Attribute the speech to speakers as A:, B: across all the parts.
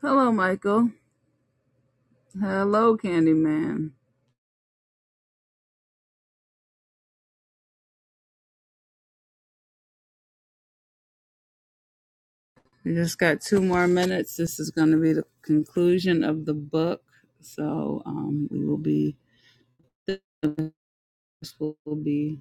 A: Hello, Michael. Hello, Candyman. We just got two more minutes. This is going to be the conclusion of the book. So um, we will be, this will be.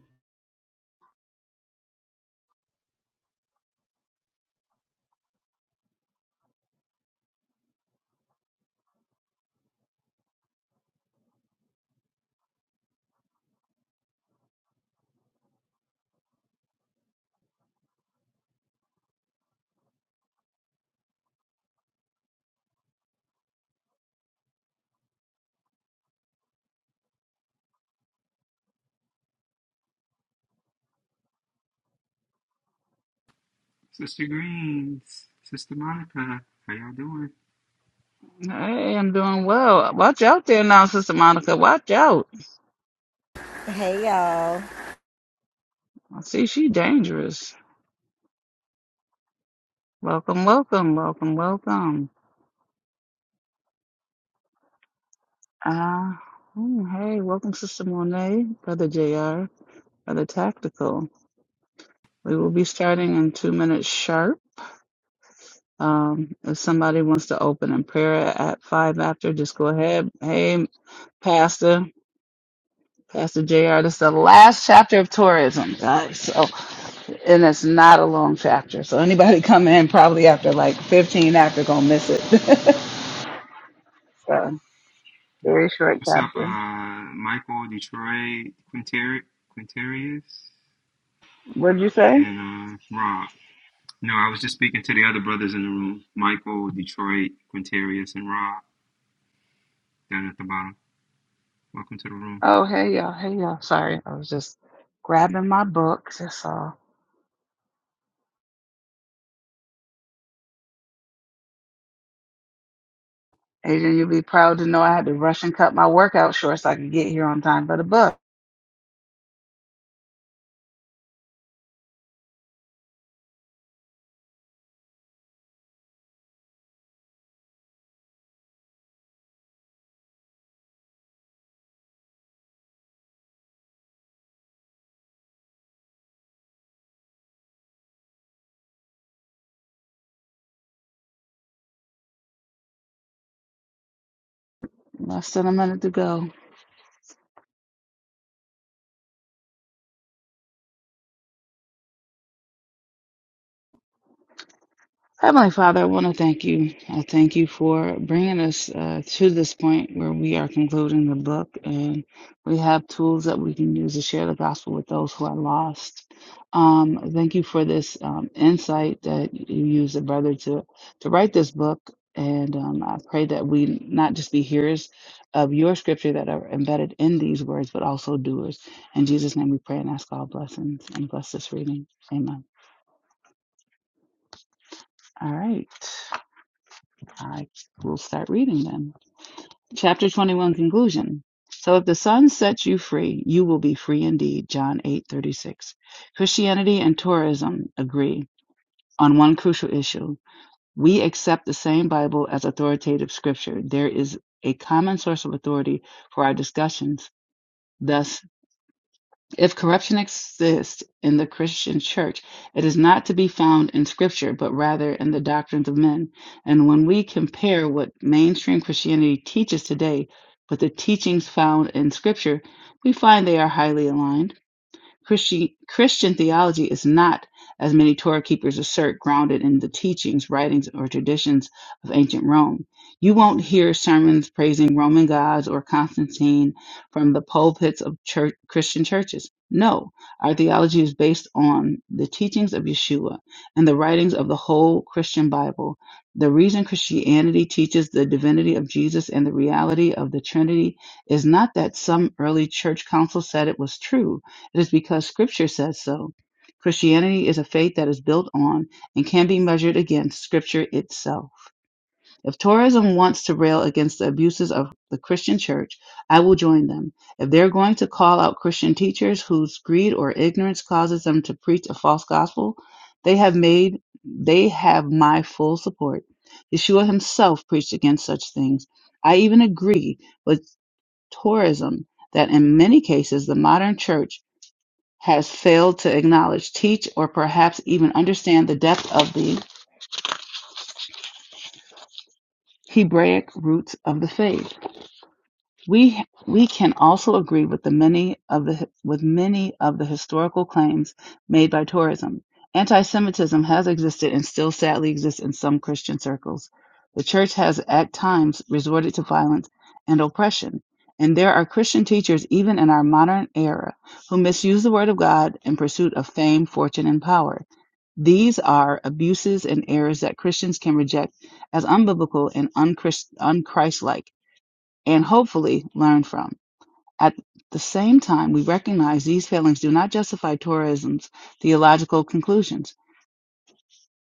B: Sister Greens, Sister Monica, how y'all doing?
A: Hey, I'm doing well. Watch out there now, Sister Monica. Watch out.
C: Hey y'all.
A: I see she dangerous. Welcome, welcome, welcome, welcome. Uh, oh, hey, welcome, Sister Monet, Brother JR, Brother Tactical. We will be starting in two minutes sharp. Um, if somebody wants to open in prayer at five after, just go ahead. Hey, Pastor, Pastor JR, this is the last chapter of tourism, guys. So, and it's not a long chapter. So anybody come in probably after like 15 after gonna miss it. so,
B: Yeah.
A: very short
B: What's up,
A: chapter.
B: uh, Michael, Detroit, Quinteri- Quinterius,
A: What'd you say?
B: and uh, Rob? No, I was just speaking to the other brothers in the room Michael, Detroit, Quinterius, and Rob down at the bottom. Welcome to the room.
A: Oh, hey y'all, hey y'all. Sorry, I was just grabbing my books. That's all. Adrian, you'll be proud to know I had to rush and cut my workout short so I could get here on time for the book. Less than a minute to go. Heavenly Father, I want to thank you. I thank you for bringing us uh, to this point where we are concluding the book and we have tools that we can use to share the gospel with those who are lost. Um, thank you for this um, insight that you used, a brother, to, to write this book. And um, I pray that we not just be hearers of your scripture that are embedded in these words, but also doers. In Jesus' name we pray and ask all blessings and bless this reading. Amen. All right. I will start reading them. Chapter 21 conclusion. So if the sun sets you free, you will be free indeed. John 8:36. Christianity and tourism agree on one crucial issue. We accept the same Bible as authoritative scripture. There is a common source of authority for our discussions. Thus. If corruption exists in the Christian church, it is not to be found in Scripture, but rather in the doctrines of men. And when we compare what mainstream Christianity teaches today with the teachings found in Scripture, we find they are highly aligned. Christian Christian theology is not, as many Torah keepers assert, grounded in the teachings, writings, or traditions of ancient Rome. You won't hear sermons praising Roman gods or Constantine from the pulpits of church, Christian churches. No, our theology is based on the teachings of Yeshua and the writings of the whole Christian Bible. The reason Christianity teaches the divinity of Jesus and the reality of the Trinity is not that some early church council said it was true it is because Scripture says so. Christianity is a faith that is built on and can be measured against Scripture itself. If Torism wants to rail against the abuses of the Christian church, I will join them. If they're going to call out Christian teachers whose greed or ignorance causes them to preach a false gospel, they have made they have my full support. Yeshua himself preached against such things. I even agree with Torism that in many cases the modern church has failed to acknowledge, teach, or perhaps even understand the depth of the Hebraic roots of the faith. We we can also agree with the many of the with many of the historical claims made by tourism. Anti-Semitism has existed and still sadly exists in some Christian circles. The church has at times resorted to violence and oppression, and there are Christian teachers even in our modern era who misuse the word of God in pursuit of fame, fortune, and power. These are abuses and errors that Christians can reject as unbiblical and unchrist- unchristlike and hopefully learn from. At the same time, we recognize these failings do not justify Torahism's theological conclusions.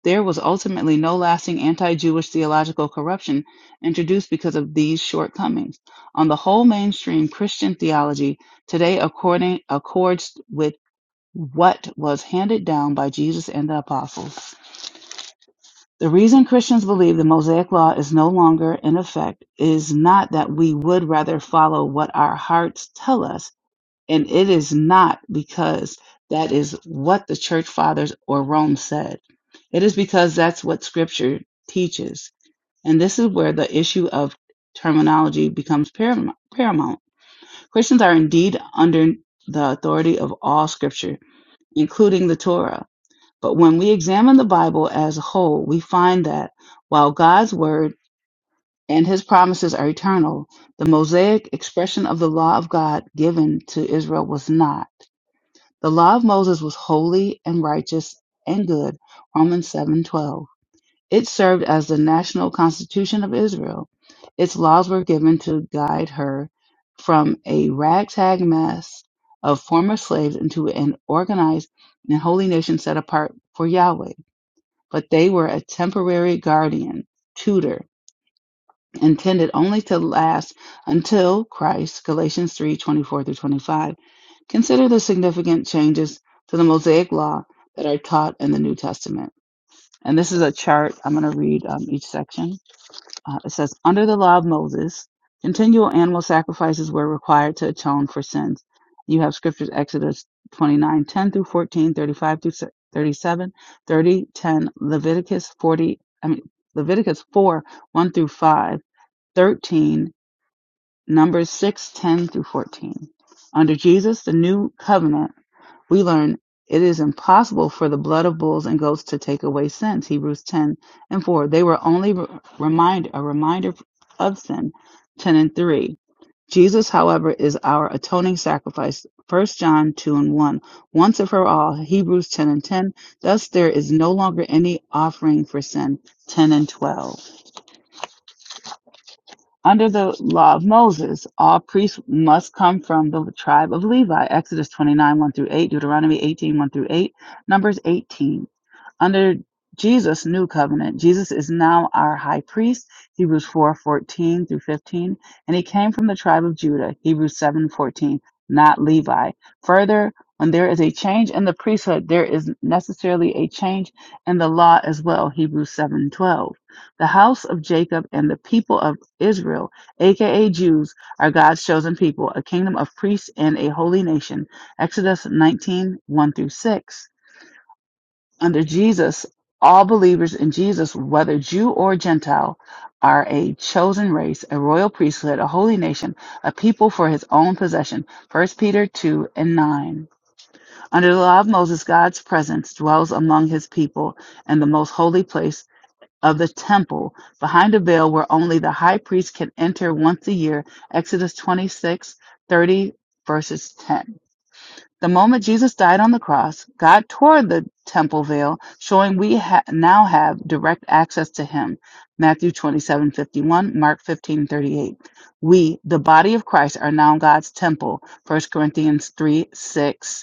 A: There was ultimately no lasting anti Jewish theological corruption introduced because of these shortcomings. On the whole, mainstream Christian theology today according, accords with what was handed down by Jesus and the apostles. The reason Christians believe the Mosaic Law is no longer in effect is not that we would rather follow what our hearts tell us And it is not because that is what the church fathers or Rome said. It is because that's what scripture teaches. And this is where the issue of terminology becomes param- paramount. Christians are indeed under the authority of all scripture, including the Torah. But when we examine the Bible as a whole, we find that while God's word and his promises are eternal, the Mosaic expression of the law of God given to Israel was not. The law of Moses was holy and righteous and good. Romans 7:12. It served as the national constitution of Israel. Its laws were given to guide her from a ragtag mess of former slaves into an organized and holy nation set apart for Yahweh. But they were a temporary guardian, tutor, intended only to last until Christ, Galatians 3:24 through 25 Consider the significant changes to the Mosaic Law that are taught in the New Testament. And this is a chart. I'm going to read um, each section. Uh, it says, Under the law of Moses, continual animal sacrifices were required to atone for sins. You have scriptures Exodus 29 10 through 14, 35 through se- 37, 30, 10, Leviticus 40, I mean, Leviticus 4 1 through 5, 13, Numbers 6 10 through 14. Under Jesus, the new covenant we learn it is impossible for the blood of bulls and goats to take away sins. Hebrews 10 and 4. They were only remind, a reminder of sin. 10 and 3. Jesus, however, is our atoning sacrifice. 1 John 2 and 1. Once and for all. Hebrews 10 and 10. Thus there is no longer any offering for sin. 10 and 12. Under the law of Moses, all priests must come from the tribe of Levi. Exodus 29, 1 through 8, Deuteronomy eighteen one through 8, Numbers 18 under Jesus' new covenant. Jesus is now our high priest, Hebrews 4 14 through 15, and he came from the tribe of Judah, Hebrews 7 14, not Levi. Further, when there is a change in the priesthood, there is necessarily a change in the law as well, Hebrews 7 12. The house of Jacob and the people of Israel, aka Jews, are God's chosen people, a kingdom of priests and a holy nation, Exodus nineteen one through 6. Under Jesus, all believers in Jesus, whether Jew or Gentile, are a chosen race, a royal priesthood, a holy nation, a people for his own possession. First Peter 2 and 9. Under the law of Moses, God's presence dwells among his people in the most holy place of the temple, behind a veil where only the high priest can enter once a year. Exodus 26 30 verses 10. The moment Jesus died on the cross, God tore the temple veil, showing we ha- now have direct access to him. Matthew 27:51, Mark 15:38. We, the body of Christ, are now God's temple. First Corinthians three six.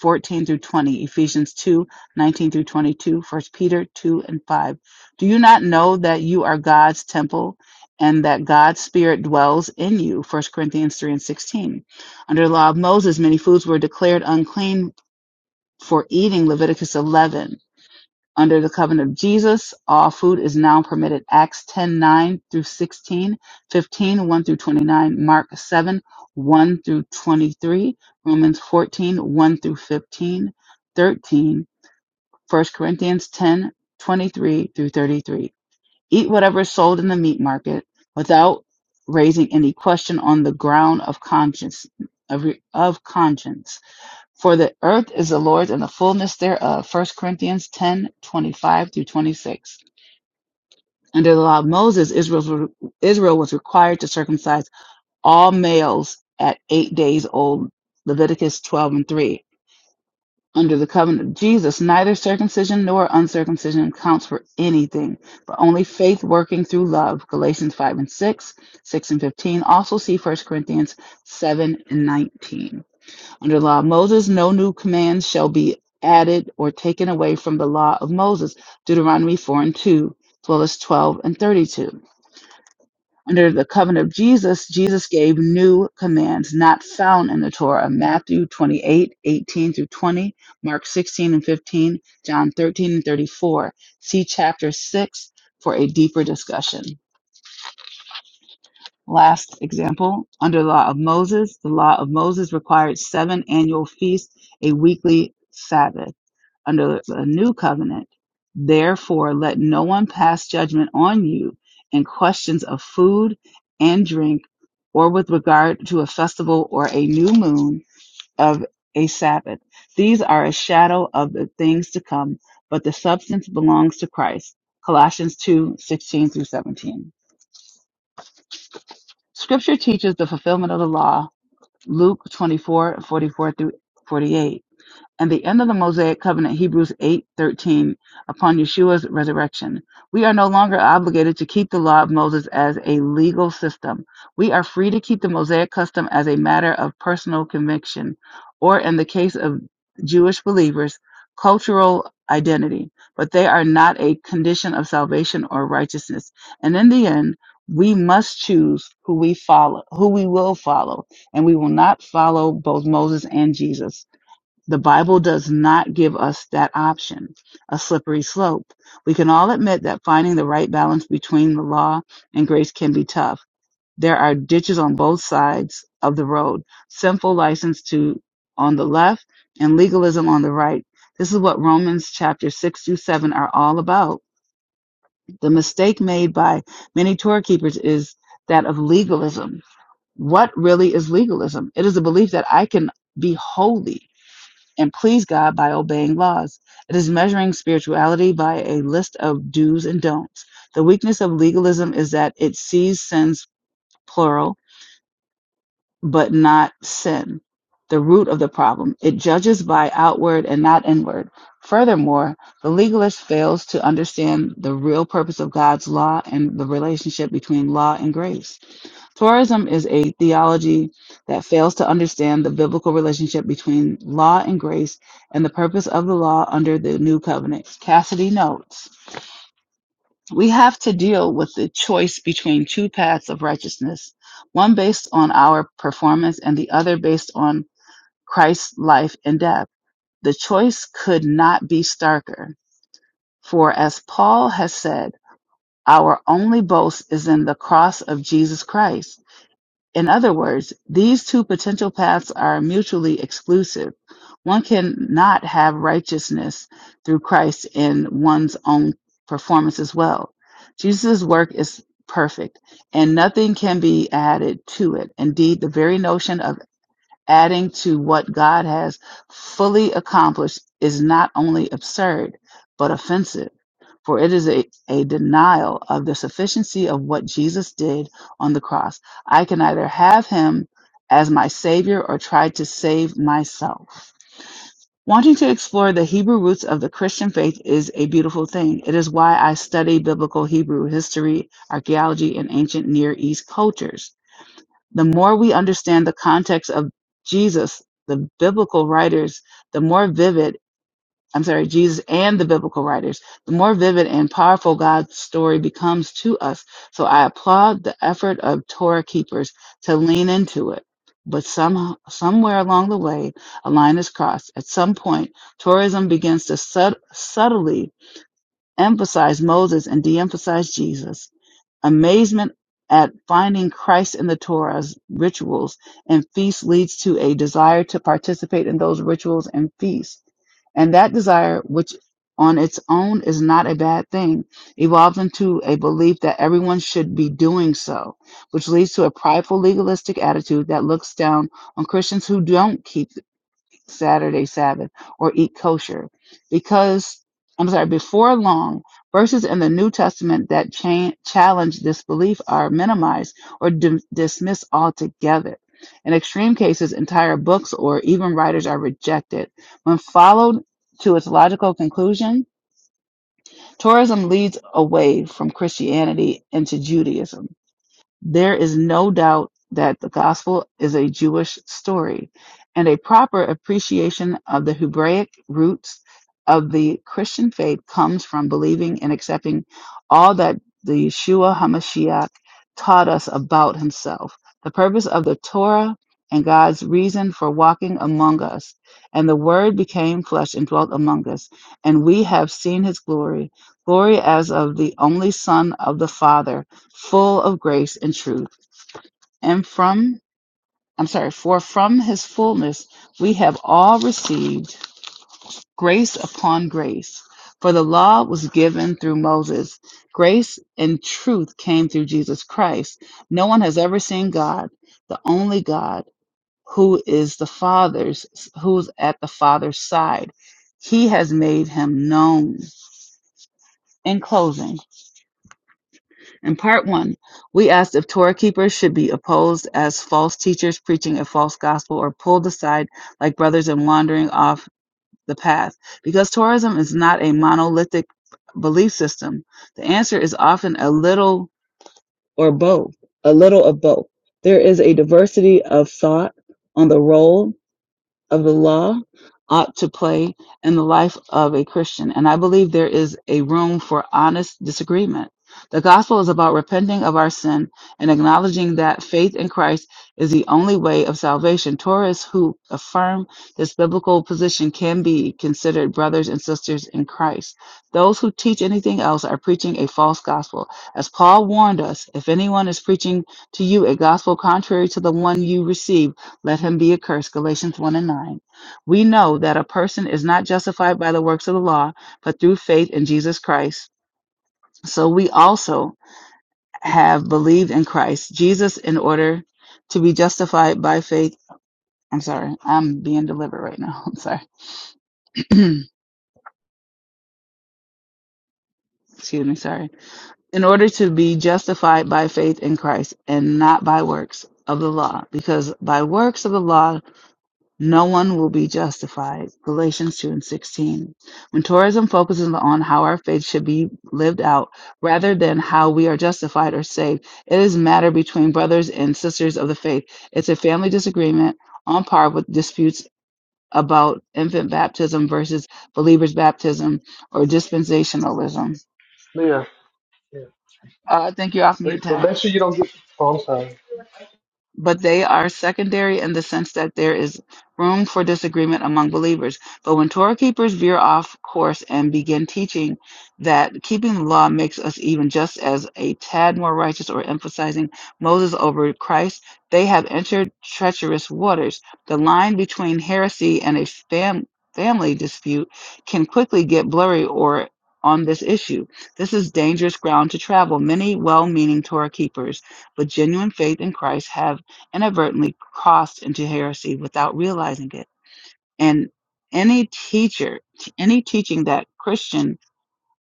A: 14 through 20, Ephesians 2, 19 through 22, 1 Peter 2 and 5. Do you not know that you are God's temple and that God's spirit dwells in you? First Corinthians 3 and 16. Under the law of Moses, many foods were declared unclean for eating, Leviticus 11. Under the covenant of Jesus, all food is now permitted. Acts 10 9 through 16151 through 29, Mark 7, 1 through 23, Romans fourteen one through 15, 13, First Corinthians 10 23 through 33. Eat whatever is sold in the meat market without raising any question on the ground of conscience. Of, of conscience. For the earth is the Lord's and the fullness thereof. First Corinthians 10 25 through 26. Under the law of Moses, Israel's- Israel was required to circumcise all males at eight days old. Leviticus 12 and 3. Under the covenant of Jesus, neither circumcision nor uncircumcision counts for anything, but only faith working through love. Galatians 5 and 6, 6 and 15. Also see First Corinthians 7 and 19. Under the law of Moses, no new commands shall be added or taken away from the law of Moses, Deuteronomy 4 and 2, as well as 12 and 32. Under the covenant of Jesus, Jesus gave new commands not found in the Torah, Matthew 28 18 through 20, Mark 16 and 15, John 13 and 34. See chapter 6 for a deeper discussion. Last example, under the law of Moses, the law of Moses required seven annual feasts, a weekly Sabbath. Under the new covenant, therefore let no one pass judgment on you in questions of food and drink or with regard to a festival or a new moon of a Sabbath. These are a shadow of the things to come, but the substance belongs to Christ. Colossians 2 16 through 17. Scripture teaches the fulfillment of the law, Luke 24 44 through 48 and the end of the Mosaic covenant Hebrews 8:13 upon Yeshua's resurrection. We are no longer obligated to keep the law of Moses as a legal system. We are free to keep the Mosaic custom as a matter of personal conviction or in the case of Jewish believers, cultural identity, but they are not a condition of salvation or righteousness. And in the end, we must choose who we follow, who we will follow, and we will not follow both Moses and Jesus. The Bible does not give us that option, a slippery slope. We can all admit that finding the right balance between the law and grace can be tough. There are ditches on both sides of the road, sinful license to on the left and legalism on the right. This is what Romans chapter 6 through 7 are all about. The mistake made by many Torah keepers is that of legalism. What really is legalism? It is a belief that I can be holy and please God by obeying laws. It is measuring spirituality by a list of do's and don'ts. The weakness of legalism is that it sees sins plural, but not sin, the root of the problem. It judges by outward and not inward. Furthermore, the legalist fails to understand the real purpose of God's law and the relationship between law and grace. Tourism is a theology that fails to understand the biblical relationship between law and grace and the purpose of the law under the new covenant. Cassidy notes We have to deal with the choice between two paths of righteousness, one based on our performance and the other based on Christ's life and death. The choice could not be starker, for as Paul has said, our only boast is in the cross of Jesus Christ. In other words, these two potential paths are mutually exclusive. One cannot have righteousness through Christ in one's own performance as well. Jesus' work is perfect, and nothing can be added to it. Indeed, the very notion of adding to what God has fully accomplished is not only absurd, but offensive, for it is a, a denial of the sufficiency of what Jesus did on the cross. I can either have him as my savior or try to save myself. Wanting to explore the Hebrew roots of the Christian faith is a beautiful thing. It is why I study biblical Hebrew history, archaeology, and ancient Near East cultures. The more we understand the context of Jesus, the biblical writers, the more vivid, I'm sorry, Jesus and the biblical writers, the more vivid and powerful God's story becomes to us. So I applaud the effort of Torah keepers to lean into it. But some, somewhere along the way, a line is crossed. At some point, tourism begins to sub, subtly emphasize Moses and de-emphasize Jesus; amazement at finding Christ in the Torah's rituals and feasts leads to a desire to participate in those rituals and feasts. And that desire, which on its own is not a bad thing, evolves into a belief that everyone should be doing so, which leads to a prideful legalistic attitude that looks down on Christians who don't keep Saturday Sabbath or eat kosher because I'm sorry, before long, verses in the New Testament that cha- challenge this belief are minimized or dim- dismissed altogether. In extreme cases, entire books or even writers are rejected. When followed to its logical conclusion, Torahism leads away from Christianity into Judaism there is no doubt that the Gospel is a Jewish story, and a proper appreciation of the Hebraic roots of the Christian faith comes from believing and accepting all that the Yeshua HaMashiach taught us about himself, the purpose of the Torah, and God's reason for walking among us. And the Word became flesh and dwelt among us, and we have seen his glory glory as of the only Son of the Father full of grace and truth. And from, I'm sorry, for from his fullness we have all received grace upon grace. For the law was given through Moses, grace and truth came through Jesus Christ. No one has ever seen God, the only God who is the Father's, who's at the Father's side. He has made him known. In closing, In part one, we asked if Torah keepers should be opposed as false teachers preaching a false gospel or pulled aside like brothers and wandering off the path. Because Torahism is not a monolithic belief system, the answer is often a little or both, a little of both. There is a diversity of thought on the role of the law ought to play in the life of a Christian. And I believe there is a room for honest disagreement. The gospel is about repenting of our sin and acknowledging that faith in Christ is the only way of salvation. Tourists who affirm this biblical position can be considered brothers and sisters in Christ. Those who teach anything else are preaching a false gospel. As Paul warned us, if anyone is preaching to you a gospel contrary to the one you received, let him be accursed. Galatians 1 and 9. We know that a person is not justified by the works of the law, but through faith in Jesus Christ. So we also have believed in Christ Jesus in order to be justified by faith. I'm sorry, I'm being delivered right now. I'm sorry. Excuse me, sorry. In order to be justified by faith in Christ and not by works of the law, because by works of the law No one will be justified. Galatians 2 and 16. When tourism focuses on how our faith should be lived out rather than how we are justified or saved, it is a matter between brothers and sisters of the faith. It's a family disagreement on par with disputes about infant baptism versus believers' baptism or dispensationalism.
D: Yeah. yeah.
A: Uh, thank you, off
D: Wait,
A: mute
D: But
A: tag.
D: make sure you don't get. Oh, I'm sorry.
A: but they are secondary in the sense that there is room for disagreement among believers. But when Torah keepers veer off course and begin teaching that keeping the law makes us even just as a tad more righteous or emphasizing Moses over Christ, they have entered treacherous waters. The line between heresy and a fam- family dispute can quickly get blurry or on this issue. This is dangerous ground to travel. Many well meaning Torah keepers with genuine faith in Christ have inadvertently crossed into heresy without realizing it. And any teacher, any teaching that Christian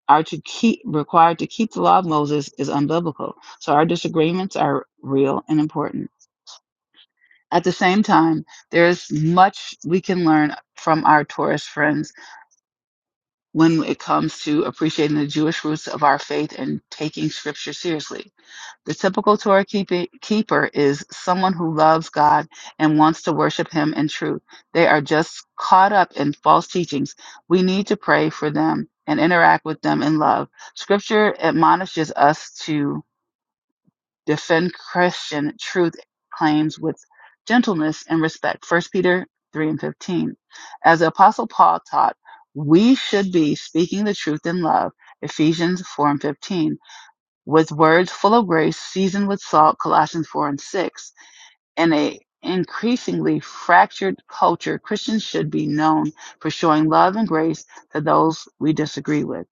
A: are to keep required to keep the law of Moses is unbiblical. So our disagreements are real and important. At the same time, there is much we can learn from our Taurus friends when it comes to appreciating the Jewish roots of our faith and taking scripture seriously. The typical Torah keepi- keeper is someone who loves God and wants to worship Him in truth. They are just caught up in false teachings. We need to pray for them and interact with them in love. Scripture admonishes us to defend Christian truth claims with gentleness and respect. First Peter 3 and 15. As the Apostle Paul taught, we should be speaking the truth in love. Ephesians 4 and 15 with words full of grace, seasoned with salt, Colossians 4 and 6. In a increasingly fractured culture, Christians should be known for showing love and grace to those we disagree with.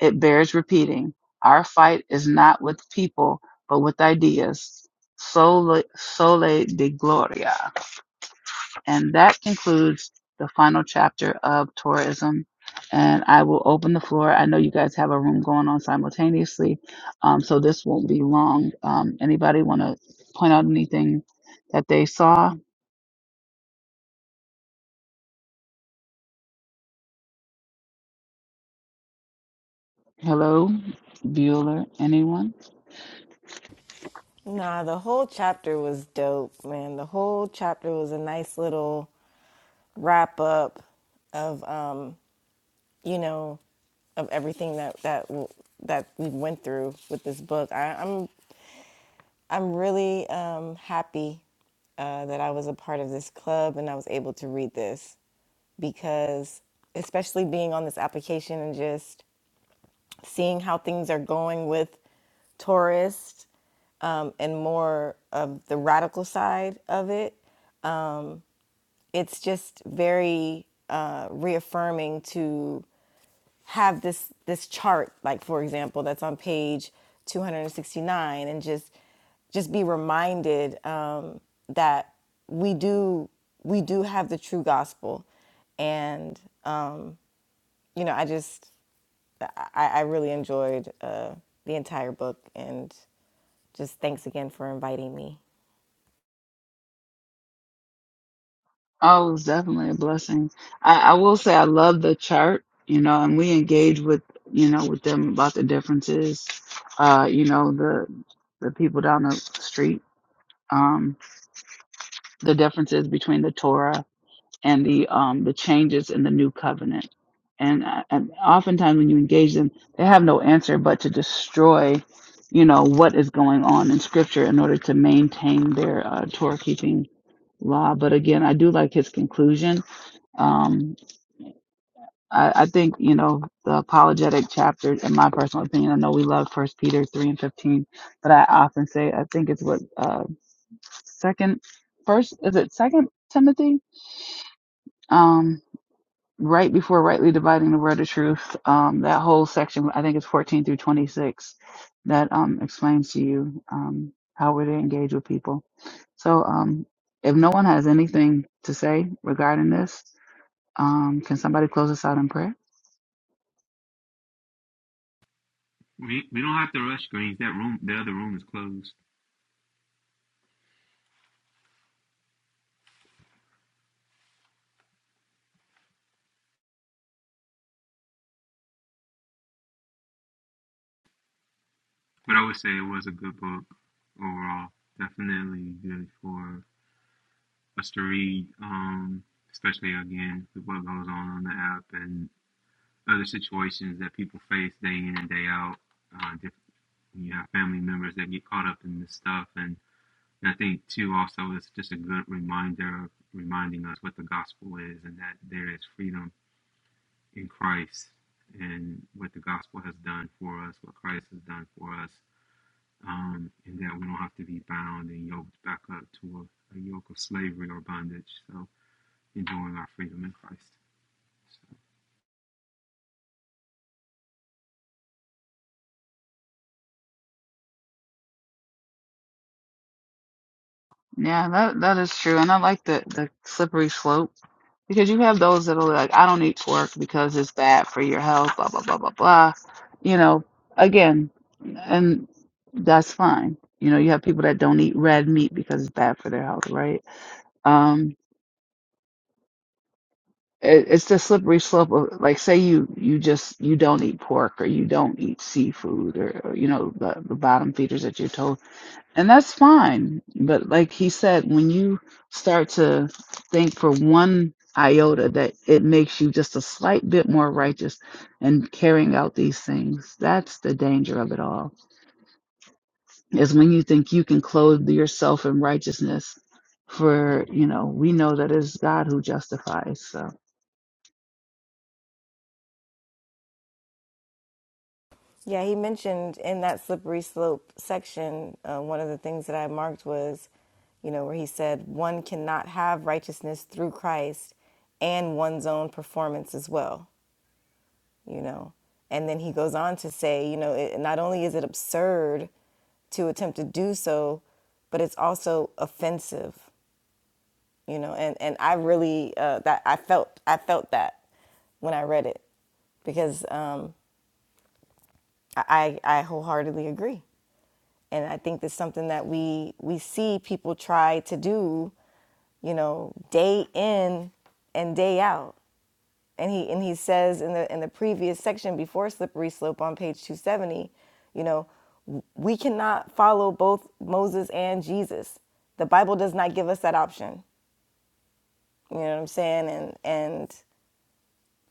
A: It bears repeating. Our fight is not with people, but with ideas. Sole, sole de gloria. And that concludes the final chapter of tourism. And I will open the floor. I know you guys have a room going on simultaneously, um, so this won't be long. Um, anybody want to point out anything that they saw? Hello, Bueller, anyone?
C: Nah, the whole chapter was dope, man. The whole chapter was a nice little wrap up of um, you know, of everything that that that we went through with this book. I, I'm I'm really um happy uh, that I was a part of this club and I was able to read this because, especially being on this application and just seeing how things are going with tourists um, and more of the radical side of it. Um, it's just very uh, reaffirming to have this this chart, like for example, that's on page 269, and just just be reminded um, that we do we do have the true gospel, and um, you know, I just I, I really enjoyed uh, the entire book, and just thanks again for inviting me.
A: Oh, it's definitely a blessing. I, I will say I love the chart, you know, and we engage with, you know, with them about the differences, uh, you know, the the people down the street, um, the differences between the Torah and the um the changes in the new covenant. And, I- and oftentimes when you engage them, they have no answer but to destroy, you know, what is going on in Scripture in order to maintain their uh, Torah keeping law. But again, I do like his conclusion um, I, I think, you know, the apologetic chapter, in my personal opinion, I know we love First Peter 3 and 15, but I often say, I think it's what, uh, second, first, is it second Timothy? Um, right before rightly dividing the word of truth, um, that whole section, I think it's 14 through 26, that, um, explains to you, um, how we're to engage with people. So, um, if no one has anything to say regarding this, um, can somebody close us out in prayer?
B: We we don't have to rush greens. That room, the other room is closed. But I would say it was a good book overall. Definitely good for us to read, um, especially again with what goes on on the app. and other situations that people face day in and day out. Uh, you have family members that get caught up in this stuff, and, and I think too also it's just a good reminder of reminding us what the gospel is and that there is freedom in Christ and what the gospel has done for us, what Christ has done for us, um, and that we don't have to be bound and yoked back up to a, a yoke of slavery or bondage. So enjoying our freedom in Christ. So,
A: Yeah, that that is true, and I like the the slippery slope because you have those that are like, I don't eat pork because it's bad for your health, blah blah blah blah blah. You know, again, and that's fine. You know, you have people that don't eat red meat because it's bad for their health, right? um it, it's the slippery slope of like say you you just you don't eat pork or you don't eat seafood or, or you know the, the bottom feeders that you're told and that's fine but like he said when you start to think for one iota that it makes you just a slight bit more righteous and carrying out these things that's the danger of it all is when you think you can clothe yourself in righteousness for you know we know that it's god who justifies so
C: Yeah, he mentioned in that slippery slope section, uh, one of the things that I marked was, you know, where he said one cannot have righteousness through Christ and one's own performance as well, you know. And then he goes on to say, you know, it, not only is it absurd to attempt to do so, but it's also offensive, you know. And and I really uh, that I felt I felt that when I read it because um, I I I wholeheartedly agree. and I think that's something that we we see people try to do, you know, day in and day out. And he and he says in the in the previous section before slippery slope on page 270, you know, we cannot follow both Moses and Jesus. The Bible does not give us that option. You know what I'm saying? And and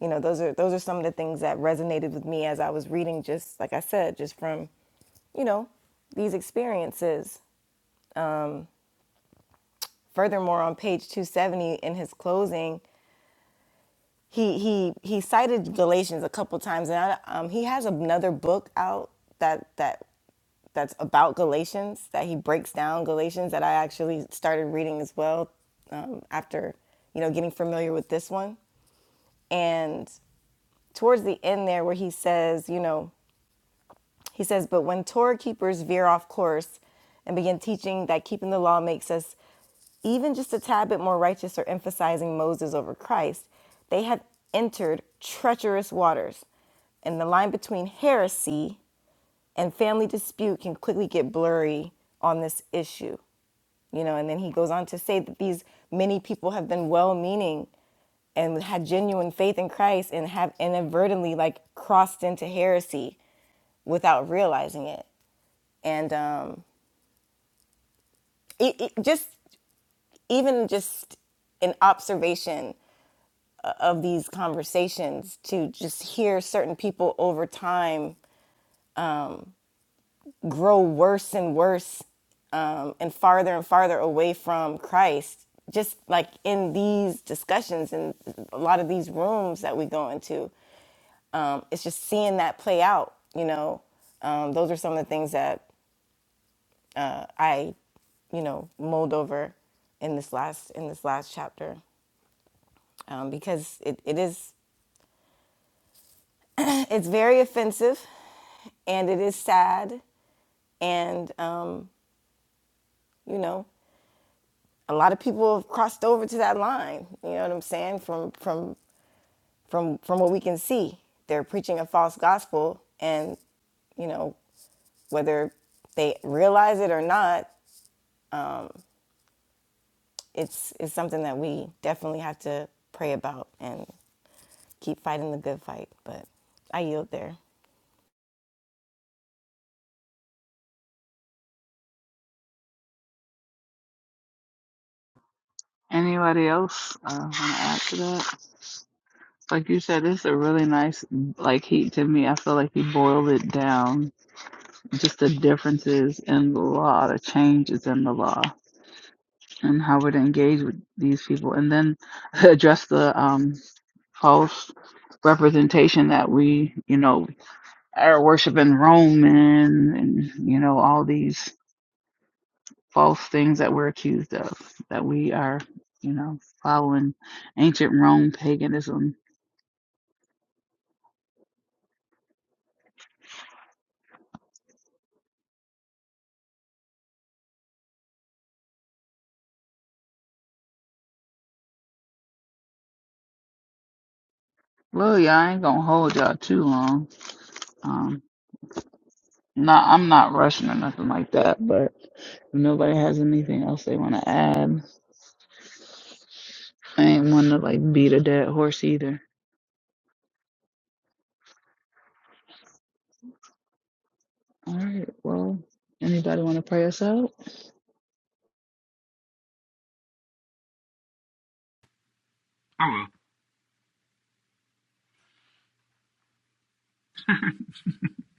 C: you know, those are those are some of the things that resonated with me as I was reading just like I said, just from, you know, these experiences. Furthermore, on page 270 in his closing, he he he cited Galatians a couple times, and I, um, he has another book out that that that's about Galatians that he breaks down Galatians that I actually started reading as well um, after you know getting familiar with this one. And towards the end there, where he says, you know, he says, but when Torah keepers veer off course and begin teaching that keeping the law makes us even just a tad bit more righteous or emphasizing Moses over Christ, they have entered treacherous waters. And the line between heresy and family dispute can quickly get blurry on this issue. You know, and then he goes on to say that these many people have been well meaning and had genuine faith in Christ and have inadvertently like crossed into heresy without realizing it. And um, it, it just even just an observation of these conversations to just hear certain people over time grow worse and worse um, and farther and farther away from Christ. Just like in these discussions and a lot of these rooms that we go into, um, it's just seeing that play out. You know, um, those are some of the things that I, you know, mulled over in this last in this last chapter um, because it, it is it's very offensive and it is sad and um, you know a lot of people have crossed over to that line you know what i'm saying from from from from what we can see they're preaching a false gospel and you know whether they realize it or not it's it's something that we definitely have to pray about and keep fighting the good fight but i yield there
A: Anybody else uh, want to add to that? Like you said, it's a really nice like heat to me. I feel like he boiled it down, just the differences in the law, the changes in the law, and how it engage with these people, and then address the um, false representation that we, you know, are worshiping Rome and, and you know all these false things that we're accused of, that we are, you know, following ancient Rome paganism Well, yeah, I ain't gonna hold y'all too long. Um, not, I'm not rushing or nothing like that. But if nobody has anything else they want to add, I ain't want to like beat a dead horse either. All right. Well, anybody want to pray us out?
B: I will.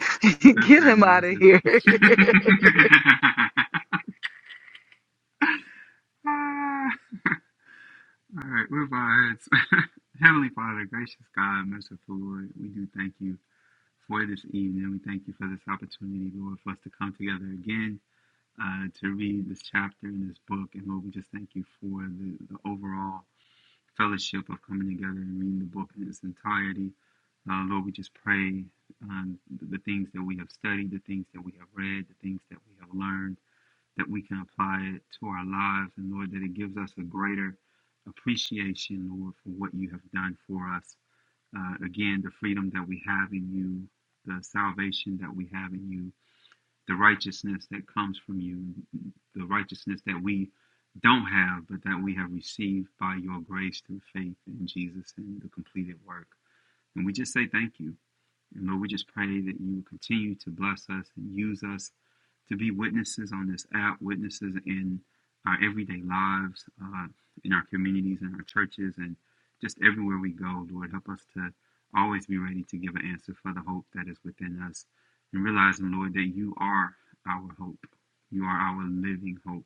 A: Get
B: Cliff that
A: him out of
B: Moses.
A: here.
B: Ah, All right, move our heads. Heavenly Father, gracious God, merciful Lord, we do thank you for this evening. We thank you for this opportunity, Lord, for us to come together again uh, to read this chapter in this book. And Lord, we just thank you for the, the overall fellowship of coming together and reading the book in its entirety. Uh, Lord, we just pray um, the the things that we have studied, the things that we have read, the things that we have learned. that we can apply it to our lives, and Lord, that it gives us a greater appreciation, Lord, for what you have done for us. Uh, again, the freedom that we have in you, the salvation that we have in you, the righteousness that comes from you, the righteousness that we don't have, but that we have received by your grace through faith in Jesus and the completed work. And we just say thank you. And Lord, we just pray that you will continue to bless us and use us to be witnesses on this app, witnesses in our everyday lives, uh, in our communities, in our churches, and just everywhere we go. Lord, help us to always be ready to give an answer for the hope that is within us. And realizing, Lord, that you are our hope. You are our living hope.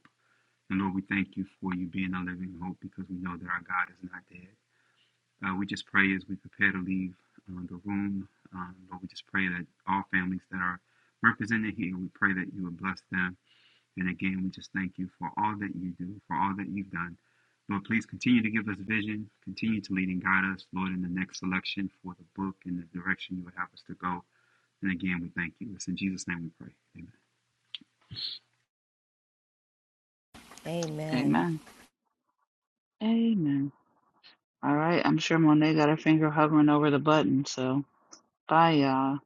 B: And Lord, we thank you for you being a living hope because we know that our God is not dead. Uh, we just pray as we prepare to leave uh, the room, um, Lord, we just pray that all families that are represented here, we pray that you would bless them. And again, we just thank you for all that you do, for all that you've done. Lord, please continue to give us vision, continue to lead and guide us, Lord, in the next selection for the book and the direction you would have us to go. And again, we thank you. It's in Jesus' name we pray. Amen.
C: amen
A: Amen. Amen. All right. I'm sure Monet got her finger hovering over the button. So bye, y'all.